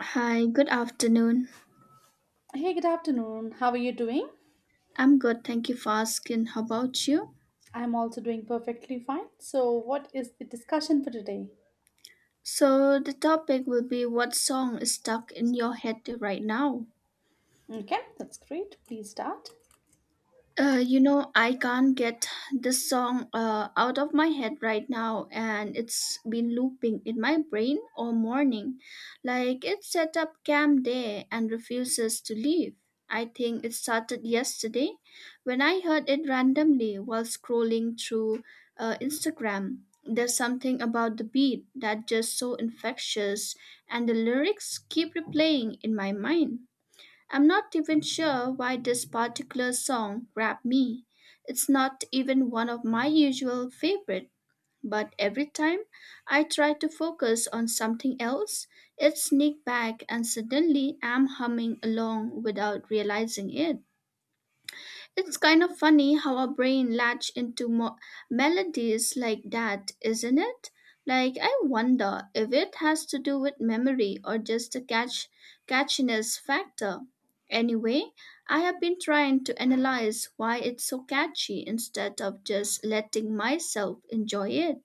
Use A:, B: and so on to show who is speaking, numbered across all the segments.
A: Hi, good afternoon.
B: Hey, good afternoon. How are you doing?
A: I'm good, thank you for asking. How about you?
B: I'm also doing perfectly fine. So, what is the discussion for today?
A: So, the topic will be what song is stuck in your head right now?
B: Okay, that's great. Please start.
A: I can't get this song out of my head right now, and it's been looping in my brain all morning. Like it set up camp there and refuses to leave. I think it started yesterday when I heard it randomly while scrolling through Instagram. There's something about the beat that just so infectious, and the lyrics keep replaying in my mind. I'm not even sure why this particular song grabbed me. It's not even one of my usual favorite, but every time I try to focus on something else, it sneaks back and suddenly I'm humming along without realizing it. It's kind of funny how our brain latch into melodies like that, isn't it? Like I wonder if it has to do with memory or just the catchiness factor. Anyway, I have been trying to analyze why it's so catchy instead of just letting myself enjoy it.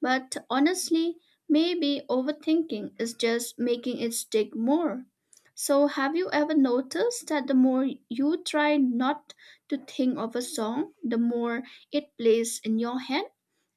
A: But honestly, maybe overthinking is just making it stick more. So, have you ever noticed that the more you try not to think of a song, the more it plays in your head?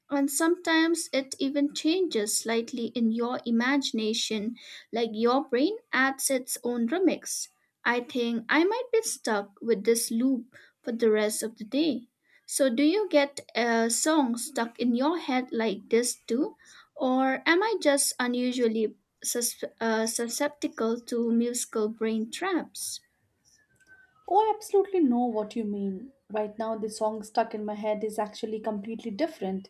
A: And sometimes it even changes slightly in your imagination, like your brain adds its own remix. I think I might be stuck with this loop for the rest of the day. So, do you get a song stuck in your head like this too? Or am I just unusually susceptible to musical brain traps?
B: Oh, I absolutely know what you mean. Right now, the song stuck in my head is actually completely different.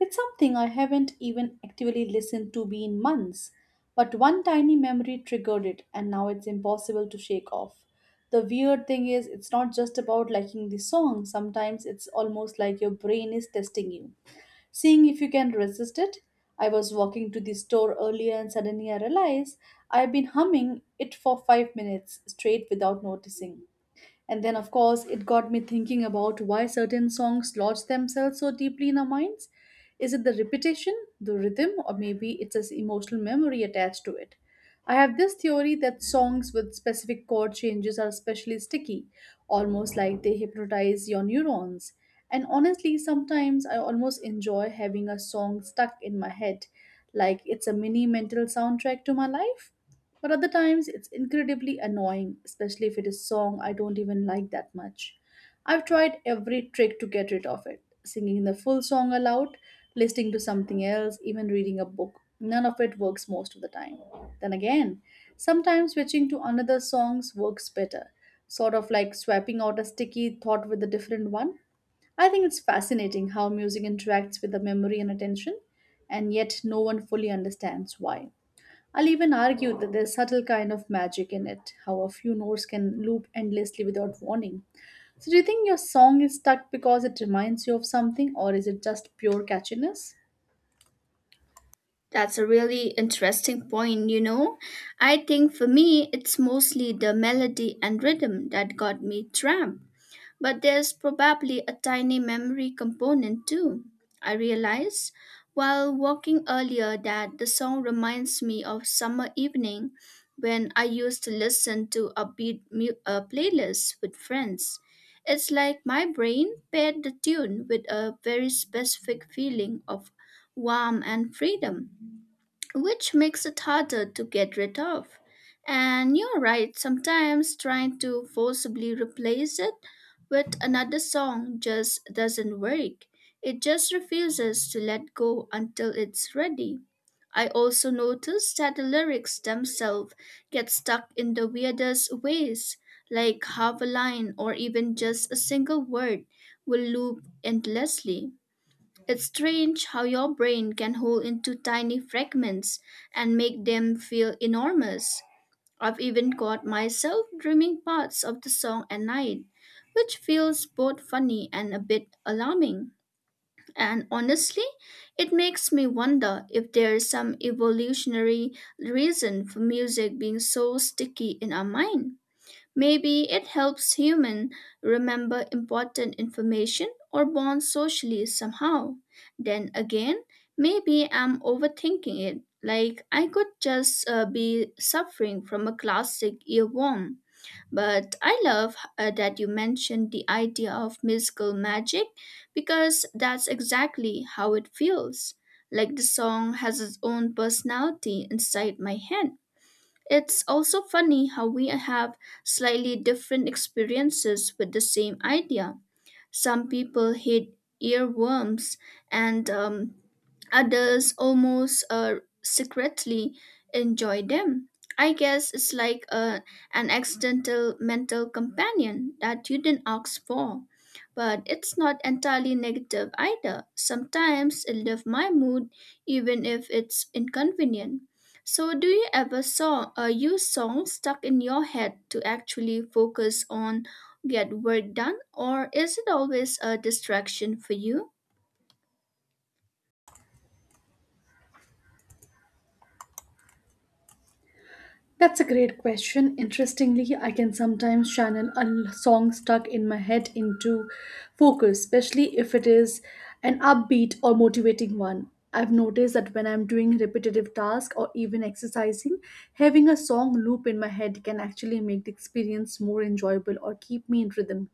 B: It's something I haven't even actively listened to be in months. But one tiny memory triggered it, and now it's impossible to shake off. The weird thing is, it's not just about liking the song, sometimes it's almost like your brain is testing you seeing if you can resist it. I was walking to the store earlier and suddenly I realized I've been humming it for 5 minutes straight without noticing. And then, of course, it got me thinking about why certain songs lodge themselves so deeply in our minds. Is it the repetition, the rhythm, or maybe it's an emotional memory attached to it? I have this theory that songs with specific chord changes are especially sticky, almost like they hypnotize your neurons. And honestly, sometimes I almost enjoy having a song stuck in my head, like it's a mini mental soundtrack to my life. But other times it's incredibly annoying, especially if it is song I don't even like that much. I've tried every trick to get rid of it singing the full song aloud, listening to something else, even reading a book. None of it works most of the time. Then again, sometimes switching to another songs works better, sort of like swapping out a sticky thought with a different one. I think it's fascinating how music interacts with the memory and attention, and yet no one fully understands why. I'll even argue that there's subtle kind of magic in it, how a few notes can loop endlessly without warning. So do you think your song is stuck because it reminds you of something or is it just pure catchiness?
A: That's a really interesting point, you know. I think for me, it's mostly the melody and rhythm that got me trapped. But there's probably a tiny memory component too. I realized while walking earlier that the song reminds me of summer evening when I used to listen to upbeat playlist with friends. It's like my brain paired the tune with a very specific feeling of warmth and freedom which makes it harder to get rid of. And you're right, sometimes trying to forcibly replace it with another song just doesn't work. It just refuses to let go until it's ready. I also noticed that the lyrics themselves get stuck in the weirdest ways, like half a line or even just a single word will loop endlessly. It's strange how your brain can hold into tiny fragments and make them feel enormous. I've even caught myself dreaming parts of the song at night, which feels both funny and a bit alarming. And honestly, it makes me wonder if there is some evolutionary reason for music being so sticky in our mind. Maybe it helps humans remember important information or bond socially somehow. Then again, maybe I'm overthinking it. Like I could just be suffering from a classic earworm. But I love that you mentioned the idea of musical magic because that's exactly how it feels. Like the song has its own personality inside my head. It's also funny how we have slightly different experiences with the same idea. Some people hate earworms, and others almost secretly enjoy them. I guess it's like an accidental mental companion that you didn't ask for. But it's not entirely negative either. Sometimes it lifts my mood even if it's inconvenient. So do you ever saw use songs stuck in your head to actually focus on get work done, or is it always a distraction for you?
B: That's a great question. Interestingly, I can sometimes channel a song stuck in my head into focus, especially if it is an upbeat or motivating one. I've noticed that when I'm doing repetitive tasks or even exercising, having a song loop in my head can actually make the experience more enjoyable or keep me in rhythm.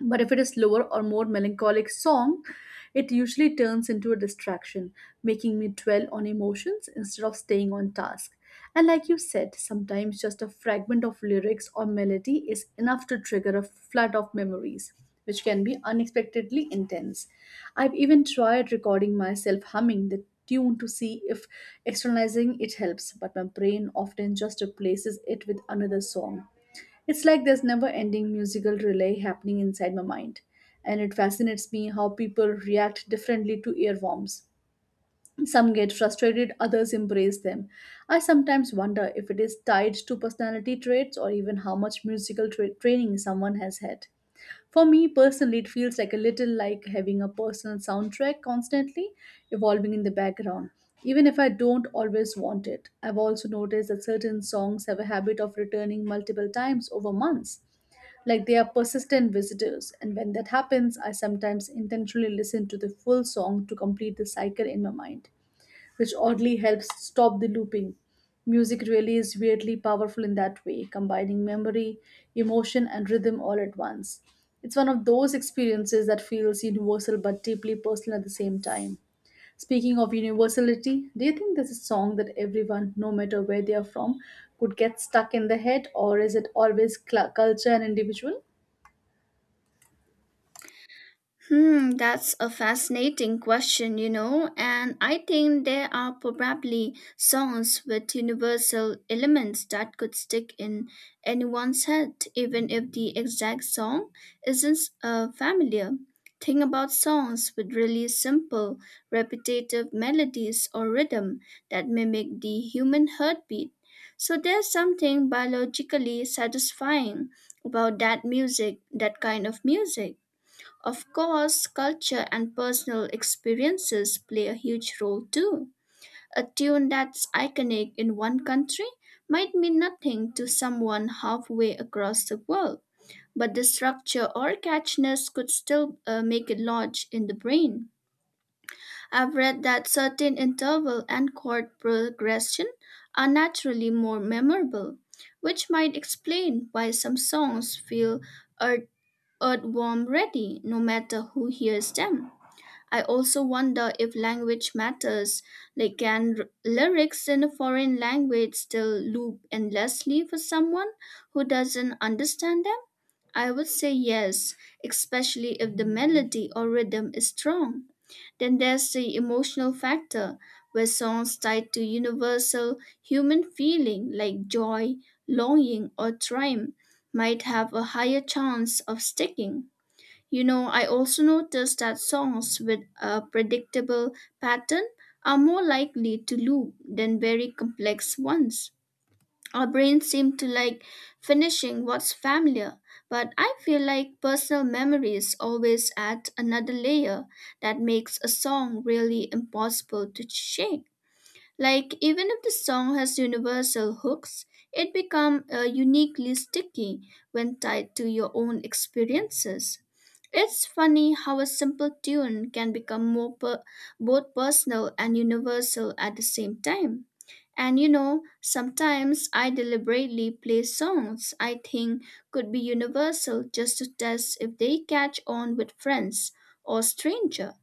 B: But if it is slower or more melancholic song, it usually turns into a distraction, making me dwell on emotions instead of staying on task. And like you said, sometimes just a fragment of lyrics or melody is enough to trigger a flood of memories, which can be unexpectedly intense. I've even tried recording myself humming the tune to see if externalizing it helps, but my brain often just replaces it with another song. It's like there's never ending musical relay happening inside my mind, and it fascinates me how people react differently to earworms. Some get frustrated, others embrace them. I sometimes wonder if it is tied to personality traits or even how much musical training someone has had. For me personally, it feels like a little like having a personal soundtrack constantly evolving in the background, even if I don't always want it. I've also noticed that certain songs have a habit of returning multiple times over months, like they are persistent visitors, and when that happens, I sometimes intentionally listen to the full song to complete the cycle in my mind which oddly helps stop the looping. Music really is weirdly powerful in that way, combining memory, emotion, and rhythm all at once. It's one of those experiences that feels universal but deeply personal at the same time. Speaking of universality, do you think there's a song that everyone, no matter where they are from, could get stuck in the head, or is it always culture and individual?
A: Hmm, that's a fascinating question, you know, and I think there are probably songs with universal elements that could stick in anyone's head, even if the exact song isn't familiar. Think about songs with really simple, repetitive melodies or rhythm that mimic the human heartbeat. So there's something biologically satisfying about that music, that kind of music. Of course, culture and personal experiences play a huge role too. A tune that's iconic in one country might mean nothing to someone halfway across the world, but the structure or catchiness could still make it lodge in the brain. I've read that certain interval and chord progression are naturally more memorable, which might explain why some songs feel earth- earthworm ready no matter who hears them. I also wonder if language matters. Like, can lyrics in a foreign language still loop endlessly for someone who doesn't understand them? I would say yes, especially if the melody or rhythm is strong. Then there's the emotional factor, where songs tied to universal human feeling like joy, longing, or triumph might have a higher chance of sticking. You know, I also noticed that songs with a predictable pattern are more likely to loop than very complex ones. Our brains seem to like finishing what's familiar, but I feel like personal memories always add another layer that makes a song really impossible to shake. Like even if the song has universal hooks, it becomes uniquely sticky when tied to your own experiences. It's funny how a simple tune can become both personal and universal at the same time. And you know, sometimes I deliberately play songs I think could be universal just to test if they catch on with friends or strangers.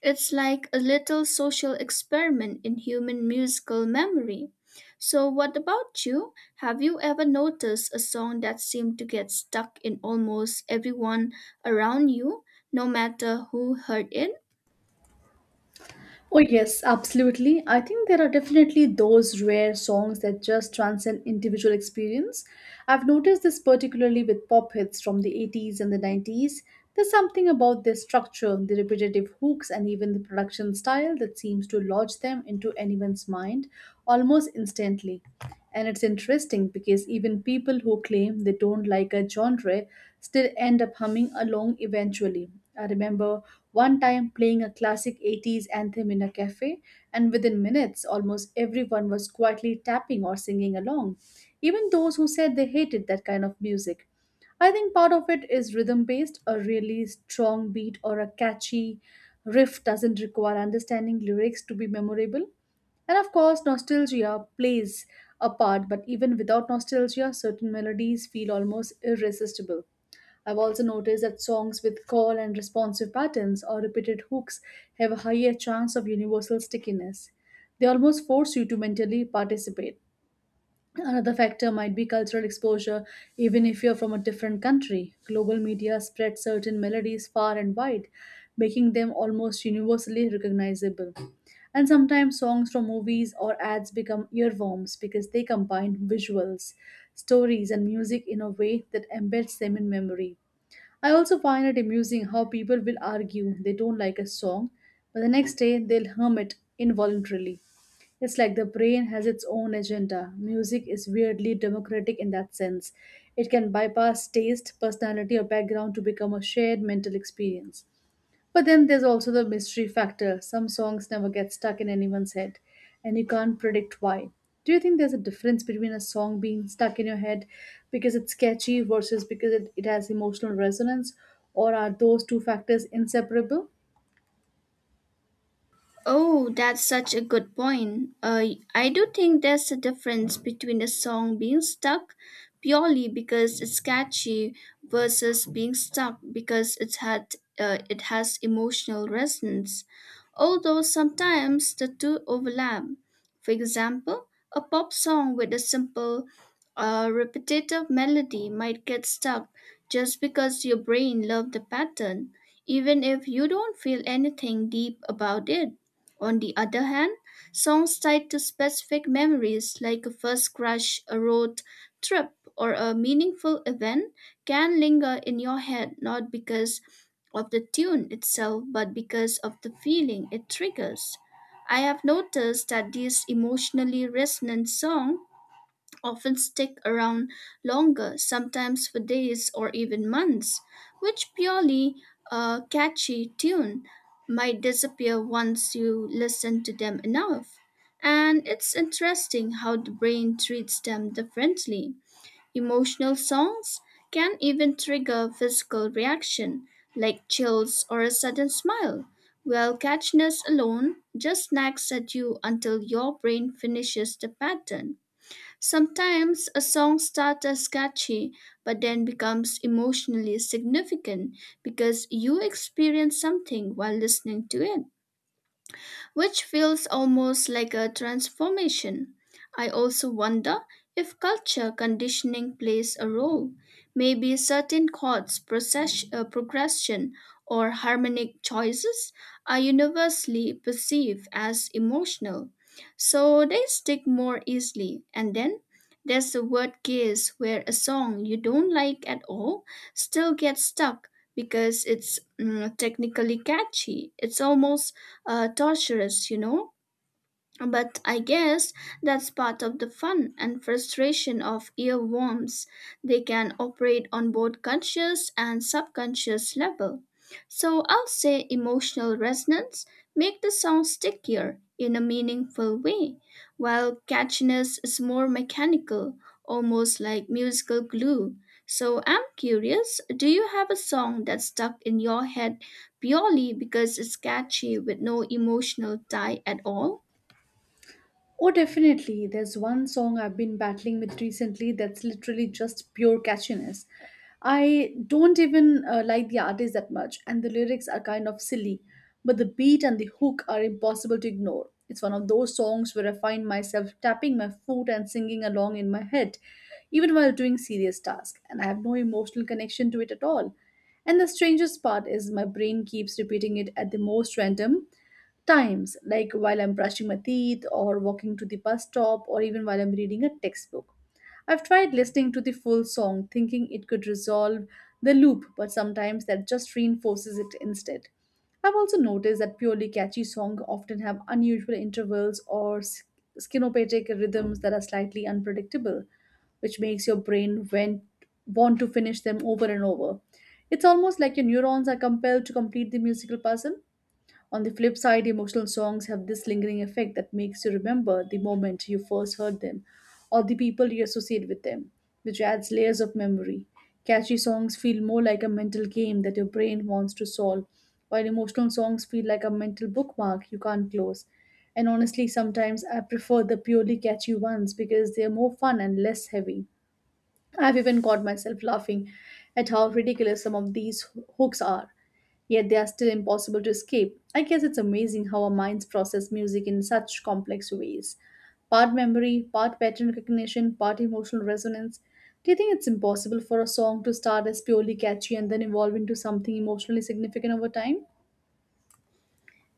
A: It's like a little social experiment in human musical memory. So, what about you? Have you ever noticed a song that seemed to get stuck in almost everyone around you, no matter who heard it?
B: Oh, yes, absolutely. I think there are definitely those rare songs that just transcend individual experience. I've noticed this particularly with pop hits from the 80s and the 90s. There's something about their structure, the repetitive hooks, and even the production style that seems to lodge them into anyone's mind almost instantly. And it's interesting because even people who claim they don't like a genre still end up humming along eventually. I remember one time playing a classic 80s anthem in a cafe, and within minutes, almost everyone was quietly tapping or singing along, even those who said they hated that kind of music. I think part of it is rhythm based, a really strong beat or a catchy riff doesn't require understanding lyrics to be memorable. And of course, nostalgia plays a part, but even without nostalgia, certain melodies feel almost irresistible. I've also noticed that songs with call and responsive patterns or repeated hooks have a higher chance of universal stickiness. They almost force you to mentally participate. Another factor might be cultural exposure, even if you're from a different country. Global media spread certain melodies far and wide, making them almost universally recognizable. And sometimes songs from movies or ads become earworms because they combine visuals, stories, and music in a way that embeds them in memory. I also find it amusing how people will argue they don't like a song, but the next day they'll hum it involuntarily. It's like the brain has its own agenda. Music is weirdly democratic in that sense. It can bypass taste, personality, or background to become a shared mental experience. But then there's also the mystery factor. Some songs never get stuck in anyone's head, and you can't predict why. Do you think there's a difference between a song being stuck in your head because it's catchy versus because it has emotional resonance, or are those two factors inseparable?
A: Oh, that's such a good point. I do think there's a difference between a song being stuck purely because it's catchy versus being stuck because it has emotional resonance. Although sometimes the two overlap. For example, a pop song with a simple, repetitive melody might get stuck just because your brain loved the pattern, even if you don't feel anything deep about it. On the other hand, songs tied to specific memories like a first crush, a road trip, or a meaningful event can linger in your head not because of the tune itself but because of the feeling it triggers. I have noticed that these emotionally resonant songs often stick around longer, sometimes for days or even months, which purely a catchy tune might disappear once you listen to them enough. And it's interesting how the brain treats them differently. Emotional songs can even trigger physical reaction, like chills or a sudden smile, while catchiness alone just nags at you until your brain finishes the pattern. Sometimes a song starts as catchy but then becomes emotionally significant because you experience something while listening to it which feels almost like a transformation. I also wonder if culture conditioning plays a role. Maybe certain chords, progression, or harmonic choices are universally perceived as emotional, so they stick more easily. And then there's the word case where a song you don't like at all still gets stuck because it's technically catchy. It's almost torturous, you know. But I guess that's part of the fun and frustration of earworms. They can operate on both conscious and subconscious level. So I'll say emotional resonance make the song stickier in a meaningful way, while catchiness is more mechanical, almost like musical glue. So I'm curious, do you have a song that's stuck in your head purely because it's catchy with no emotional tie at all?
B: Oh, definitely. There's one song I've been battling with recently that's literally just pure catchiness. I don't even like the artist that much, and the lyrics are kind of silly, but the beat and the hook are impossible to ignore. It's one of those songs where I find myself tapping my foot and singing along in my head, even while doing serious tasks, and I have no emotional connection to it at all. And the strangest part is my brain keeps repeating it at the most random times, like while I'm brushing my teeth, or walking to the bus stop, or even while I'm reading a textbook. I've tried listening to the full song, thinking it could resolve the loop, but sometimes that just reinforces it instead. I've also noticed that purely catchy songs often have unusual intervals or skinopatic rhythms that are slightly unpredictable, which makes your brain want to finish them over and over. It's almost like your neurons are compelled to complete the musical puzzle. On the flip side, emotional songs have this lingering effect that makes you remember the moment you first heard them or the people you associate with them, which adds layers of memory. Catchy songs feel more like a mental game that your brain wants to solve, while emotional songs feel like a mental bookmark you can't close. And honestly, sometimes I prefer the purely catchy ones because they are more fun and less heavy. I've even caught myself laughing at how ridiculous some of these hooks are, yet they are still impossible to escape. I guess it's amazing how our minds process music in such complex ways part memory, part pattern recognition, part emotional resonance. Do you think it's impossible for a song to start as purely catchy and then evolve into something emotionally significant over time?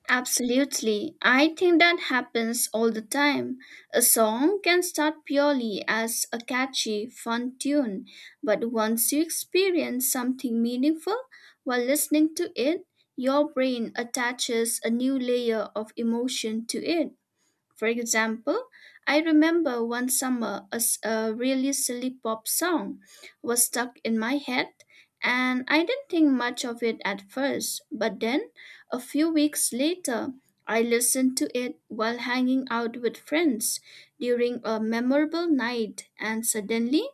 A: Absolutely. I think that happens all the time. A song can start purely as a catchy, fun tune, but once you experience something meaningful while listening to it, your brain attaches a new layer of emotion to it. For example, I remember one summer a really silly pop song was stuck in my head, and I didn't think much of it at first. But then, a few weeks later, I listened to it while hanging out with friends during a memorable night, and suddenly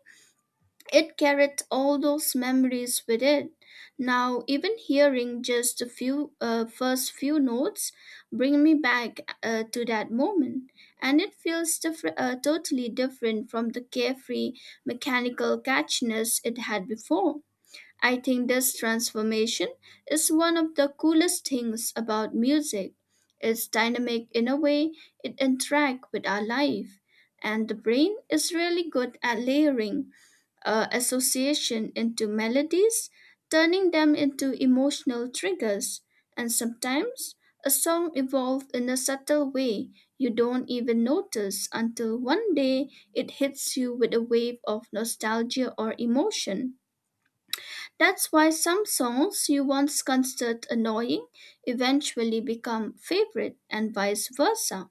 A: it carried all those memories with it. Now, even hearing just a few first few notes bring me back to that moment, and it feels totally different from the carefree mechanical catchiness it had before. I think this transformation is one of the coolest things about music. It's dynamic in a way it interacts with our life, and the brain is really good at layering association into melodies, turning them into emotional triggers. And sometimes a song evolves in a subtle way you don't even notice until one day it hits you with a wave of nostalgia or emotion. That's why some songs you once considered annoying eventually become favorite and vice versa.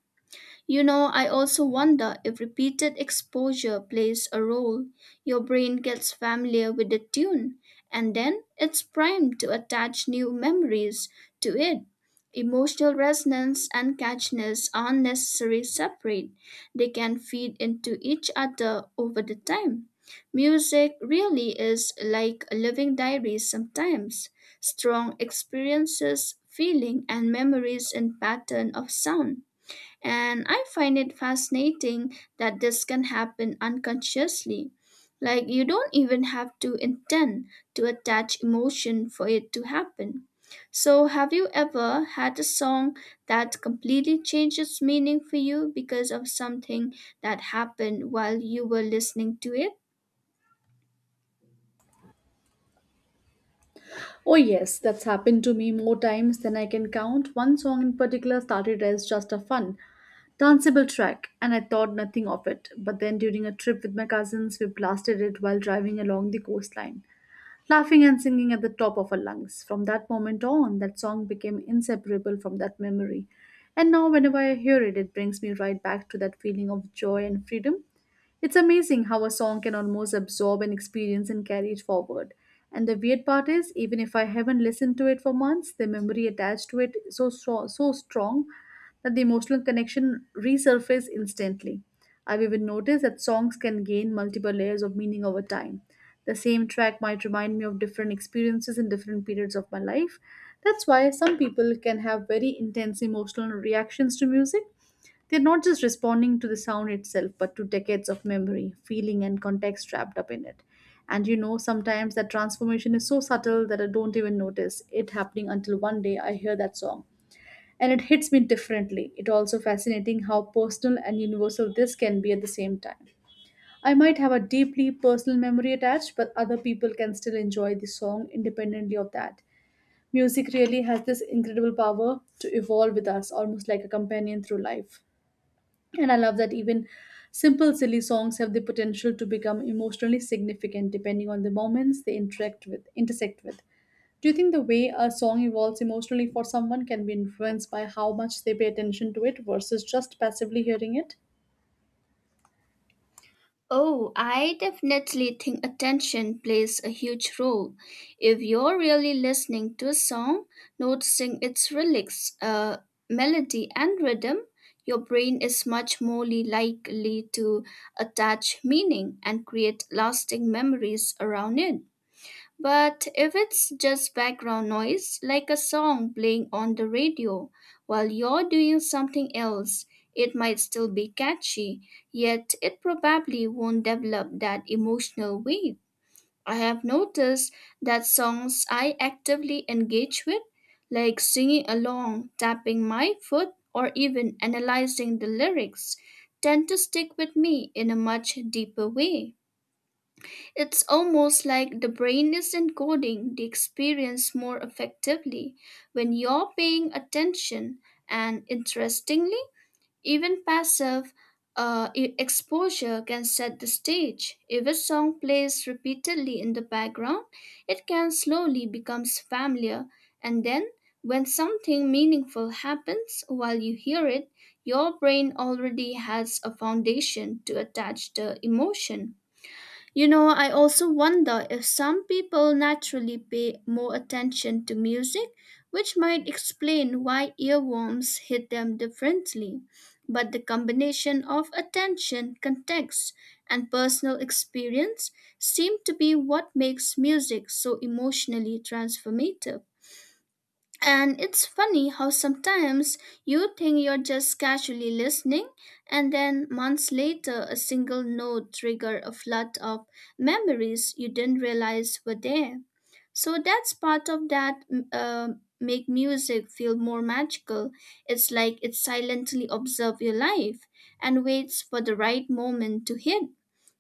A: You know, I also wonder if repeated exposure plays a role. Your brain gets familiar with the tune, and then it's primed to attach new memories to it. Emotional resonance and catchiness aren't necessarily separate, they can feed into each other over the time. Music really is like a living diary sometimes. Strong experiences, feeling, and memories in pattern of sound. And I find it fascinating that this can happen unconsciously. Like you don't even have to intend to attach emotion for it to happen. So, have you ever had a song that completely changed its meaning for you because of something that happened while you were listening to it?
B: Oh, yes, that's happened to me more times than I can count. One song in particular started as just a fun, danceable track, and I thought nothing of it. But then during a trip with my cousins, we blasted it while driving along the coastline, laughing and singing at the top of our lungs. From that moment on, that song became inseparable from that memory. And now, whenever I hear it, it brings me right back to that feeling of joy and freedom. It's amazing how a song can almost absorb an experience and carry it forward. And the weird part is, even if I haven't listened to it for months, the memory attached to it is so strong that the emotional connection resurfaces instantly. I've even noticed that songs can gain multiple layers of meaning over time. The same track might remind me of different experiences in different periods of my life. That's why some people can have very intense emotional reactions to music, they're not just responding to the sound itself, but to decades of memory, feeling, and context wrapped up in it. And you know, sometimes that transformation is so subtle that I don't even notice it happening until one day I hear that song. And it hits me differently. It also fascinating how personal and universal this can be at the same time. I might have a deeply personal memory attached, but other people can still enjoy the song independently of that. Music really has this incredible power to evolve with us, almost like a companion through life. And I love that even simple, silly songs have the potential to become emotionally significant depending on the moments they interact with, intersect with. Do you think the way a song evolves emotionally for someone can be influenced by how much they pay attention to it versus just passively hearing it?
A: Oh, I definitely think attention plays a huge role. If you're really listening to a song, noticing its lyrics, melody, and rhythm, your brain is much more likely to attach meaning and create lasting memories around it. But if it's just background noise, like a song playing on the radio while you're doing something else, it might still be catchy, yet it probably won't develop that emotional weight. I have noticed that songs I actively engage with, like singing along, tapping my foot, or even analyzing the lyrics, tend to stick with me in a much deeper way. It's almost like the brain is encoding the experience more effectively when you're paying attention, and interestingly, even passive exposure can set the stage. If a song plays repeatedly in the background, it can slowly become familiar, and then when something meaningful happens while you hear it, your brain already has a foundation to attach the emotion. You know, I also wonder if some people naturally pay more attention to music, which might explain why earworms hit them differently. But the combination of attention, context, and personal experience seem to be what makes music so emotionally transformative. And it's funny how sometimes you think you're just casually listening, and then months later, a single note triggered a flood of memories you didn't realize were there. So that's part of that make music feel more magical. It's like it silently observes your life and waits for the right moment to hit.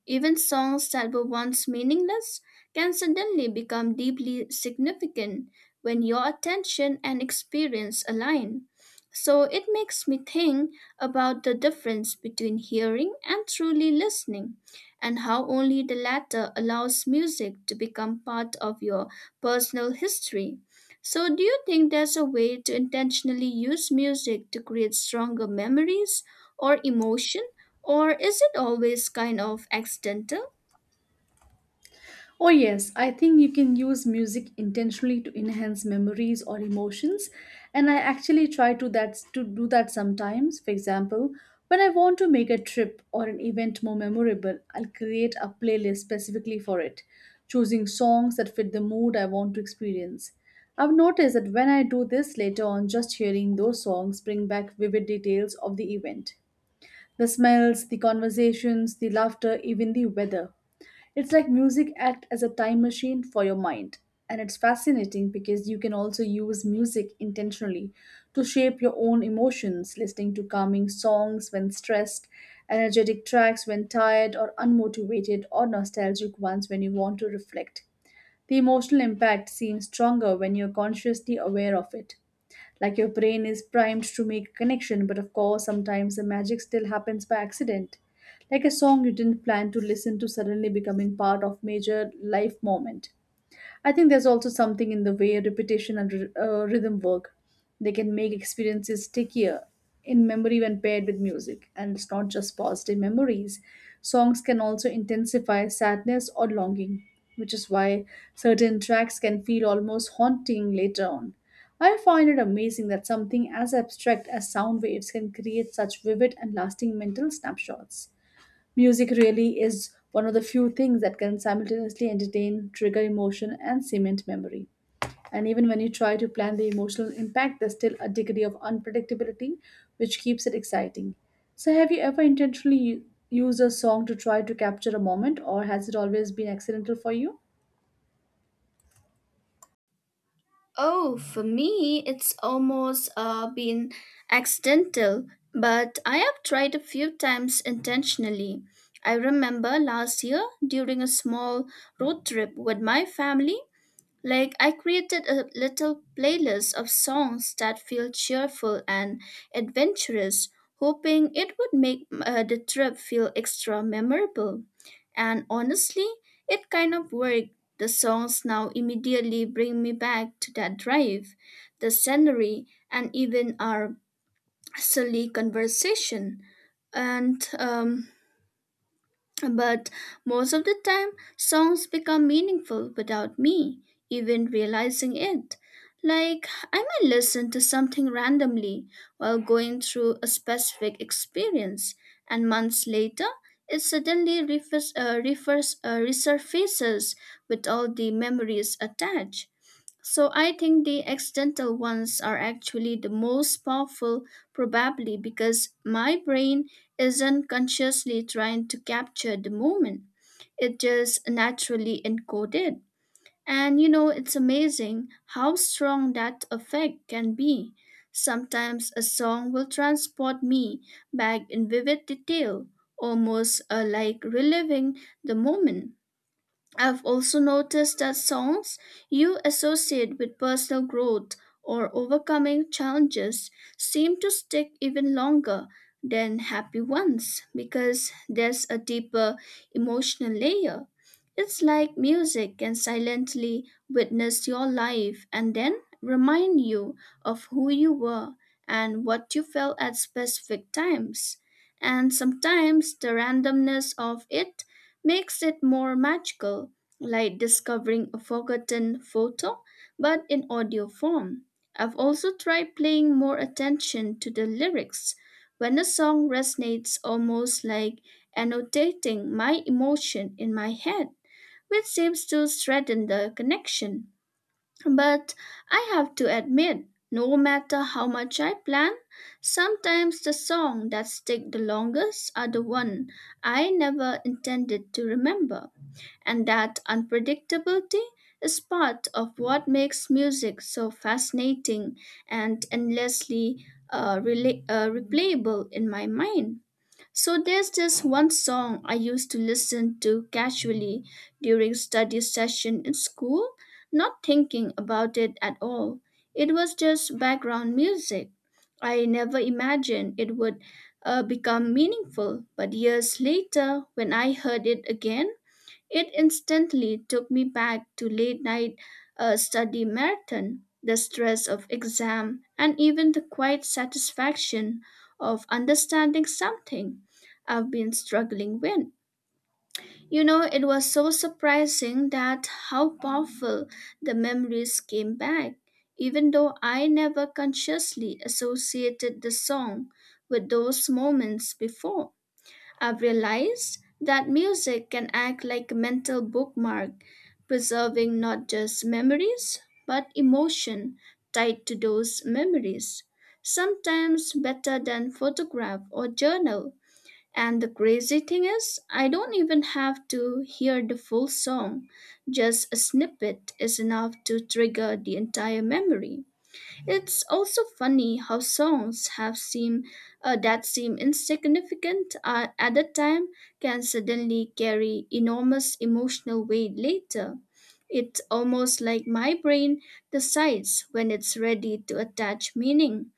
A: Even songs that were once meaningless can suddenly become deeply significant when your attention and experience align. So it makes me think about the difference between hearing and truly listening, and how only the latter allows music to become part of your personal history. So, do you think there's a way to intentionally use music to create stronger memories or emotion? Or is it always kind of accidental?
B: Oh, yes, I think you can use music intentionally to enhance memories or emotions. And I actually try to do that sometimes. For example, when I want to make a trip or an event more memorable, I'll create a playlist specifically for it, choosing songs that fit the mood I want to experience. I've noticed that when I do this later on, just hearing those songs bring back vivid details of the event. The smells, the conversations, the laughter, even the weather. It's like music act as a time machine for your mind. And it's fascinating because you can also use music intentionally to shape your own emotions, listening to calming songs when stressed, energetic tracks when tired or unmotivated, or nostalgic ones when you want to reflect. The emotional impact seems stronger when you're consciously aware of it. Like your brain is primed to make a connection, but of course, sometimes the magic still happens by accident. Like a song you didn't plan to listen to suddenly becoming part of major life moment. I think there's also something in the way repetition and rhythm work. They can make experiences stickier in memory when paired with music. And it's not just positive memories. Songs can also intensify sadness or longing, which is why certain tracks can feel almost haunting later on. I find it amazing that something as abstract as sound waves can create such vivid and lasting mental snapshots. Music really is one of the few things that can simultaneously entertain, trigger emotion, and cement memory. And even when you try to plan the emotional impact, there's still a degree of unpredictability which keeps it exciting. So, have you ever intentionally used a song to try to capture a moment, or has it always been accidental for you?
A: Oh, for me, it's almost been accidental, but I have tried a few times intentionally. I remember last year during a small road trip with my family, like, I created a little playlist of songs that feel cheerful and adventurous, hoping it would make the trip feel extra memorable. And honestly, it kind of worked. The songs now immediately bring me back to that drive, the scenery, and even our silly conversation. And but most of the time, songs become meaningful without me even realizing it. Like, I might listen to something randomly while going through a specific experience, and months later, it suddenly resurfaces with all the memories attached. So I think the accidental ones are actually the most powerful, probably because my brain isn't consciously trying to capture the moment. It just naturally encoded. And you know, it's amazing how strong that effect can be. Sometimes a song will transport me back in vivid detail, almost like reliving the moment. I've also noticed that songs you associate with personal growth or overcoming challenges seem to stick even longer than happy ones because there's a deeper emotional layer. It's like music can silently witness your life and then remind you of who you were and what you felt at specific times. And sometimes the randomness of it makes it more magical, like discovering a forgotten photo, but in audio form. I've also tried paying more attention to the lyrics. When a song resonates, almost like annotating my emotion in my head, which seems to strengthen the connection. But I have to admit, no matter how much I plan, sometimes the songs that stick the longest are the one I never intended to remember. And that unpredictability is part of what makes music so fascinating and endlessly replayable in my mind. So there's this one song I used to listen to casually during study session in school, not thinking about it at all. It was just background music. I never imagined it would become meaningful, but years later, when I heard it again, it instantly took me back to late night study marathon, the stress of exam, and even the quiet satisfaction of understanding something I've been struggling with. You know, it was so surprising that how powerful the memories came back, even though I never consciously associated the song with those moments before. I've realized that music can act like a mental bookmark, preserving not just memories, but emotion tied to those memories, sometimes better than photograph or journal. And the crazy thing is, I don't even have to hear the full song. Just a snippet is enough to trigger the entire memory. It's also funny how songs have seem that seem insignificant at the time can suddenly carry enormous emotional weight later. It's almost like my brain decides when it's ready to attach meaning.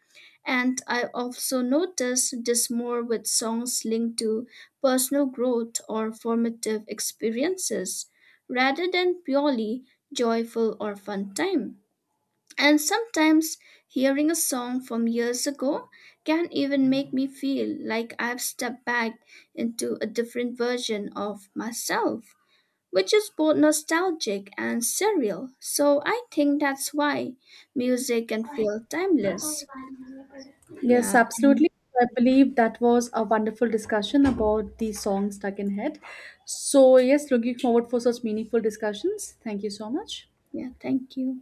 A: And I also notice this more with songs linked to personal growth or formative experiences rather than purely joyful or fun time. And sometimes hearing a song from years ago can even make me feel like I've stepped back into a different version of myself, which is both nostalgic and surreal. So I think that's why music can feel timeless.
B: Yes,
A: Yeah, and
B: absolutely. I believe that was a wonderful discussion about the song Stuck in Head. So, yes, looking forward for such meaningful discussions. Thank you so much.
A: yeah, thank you.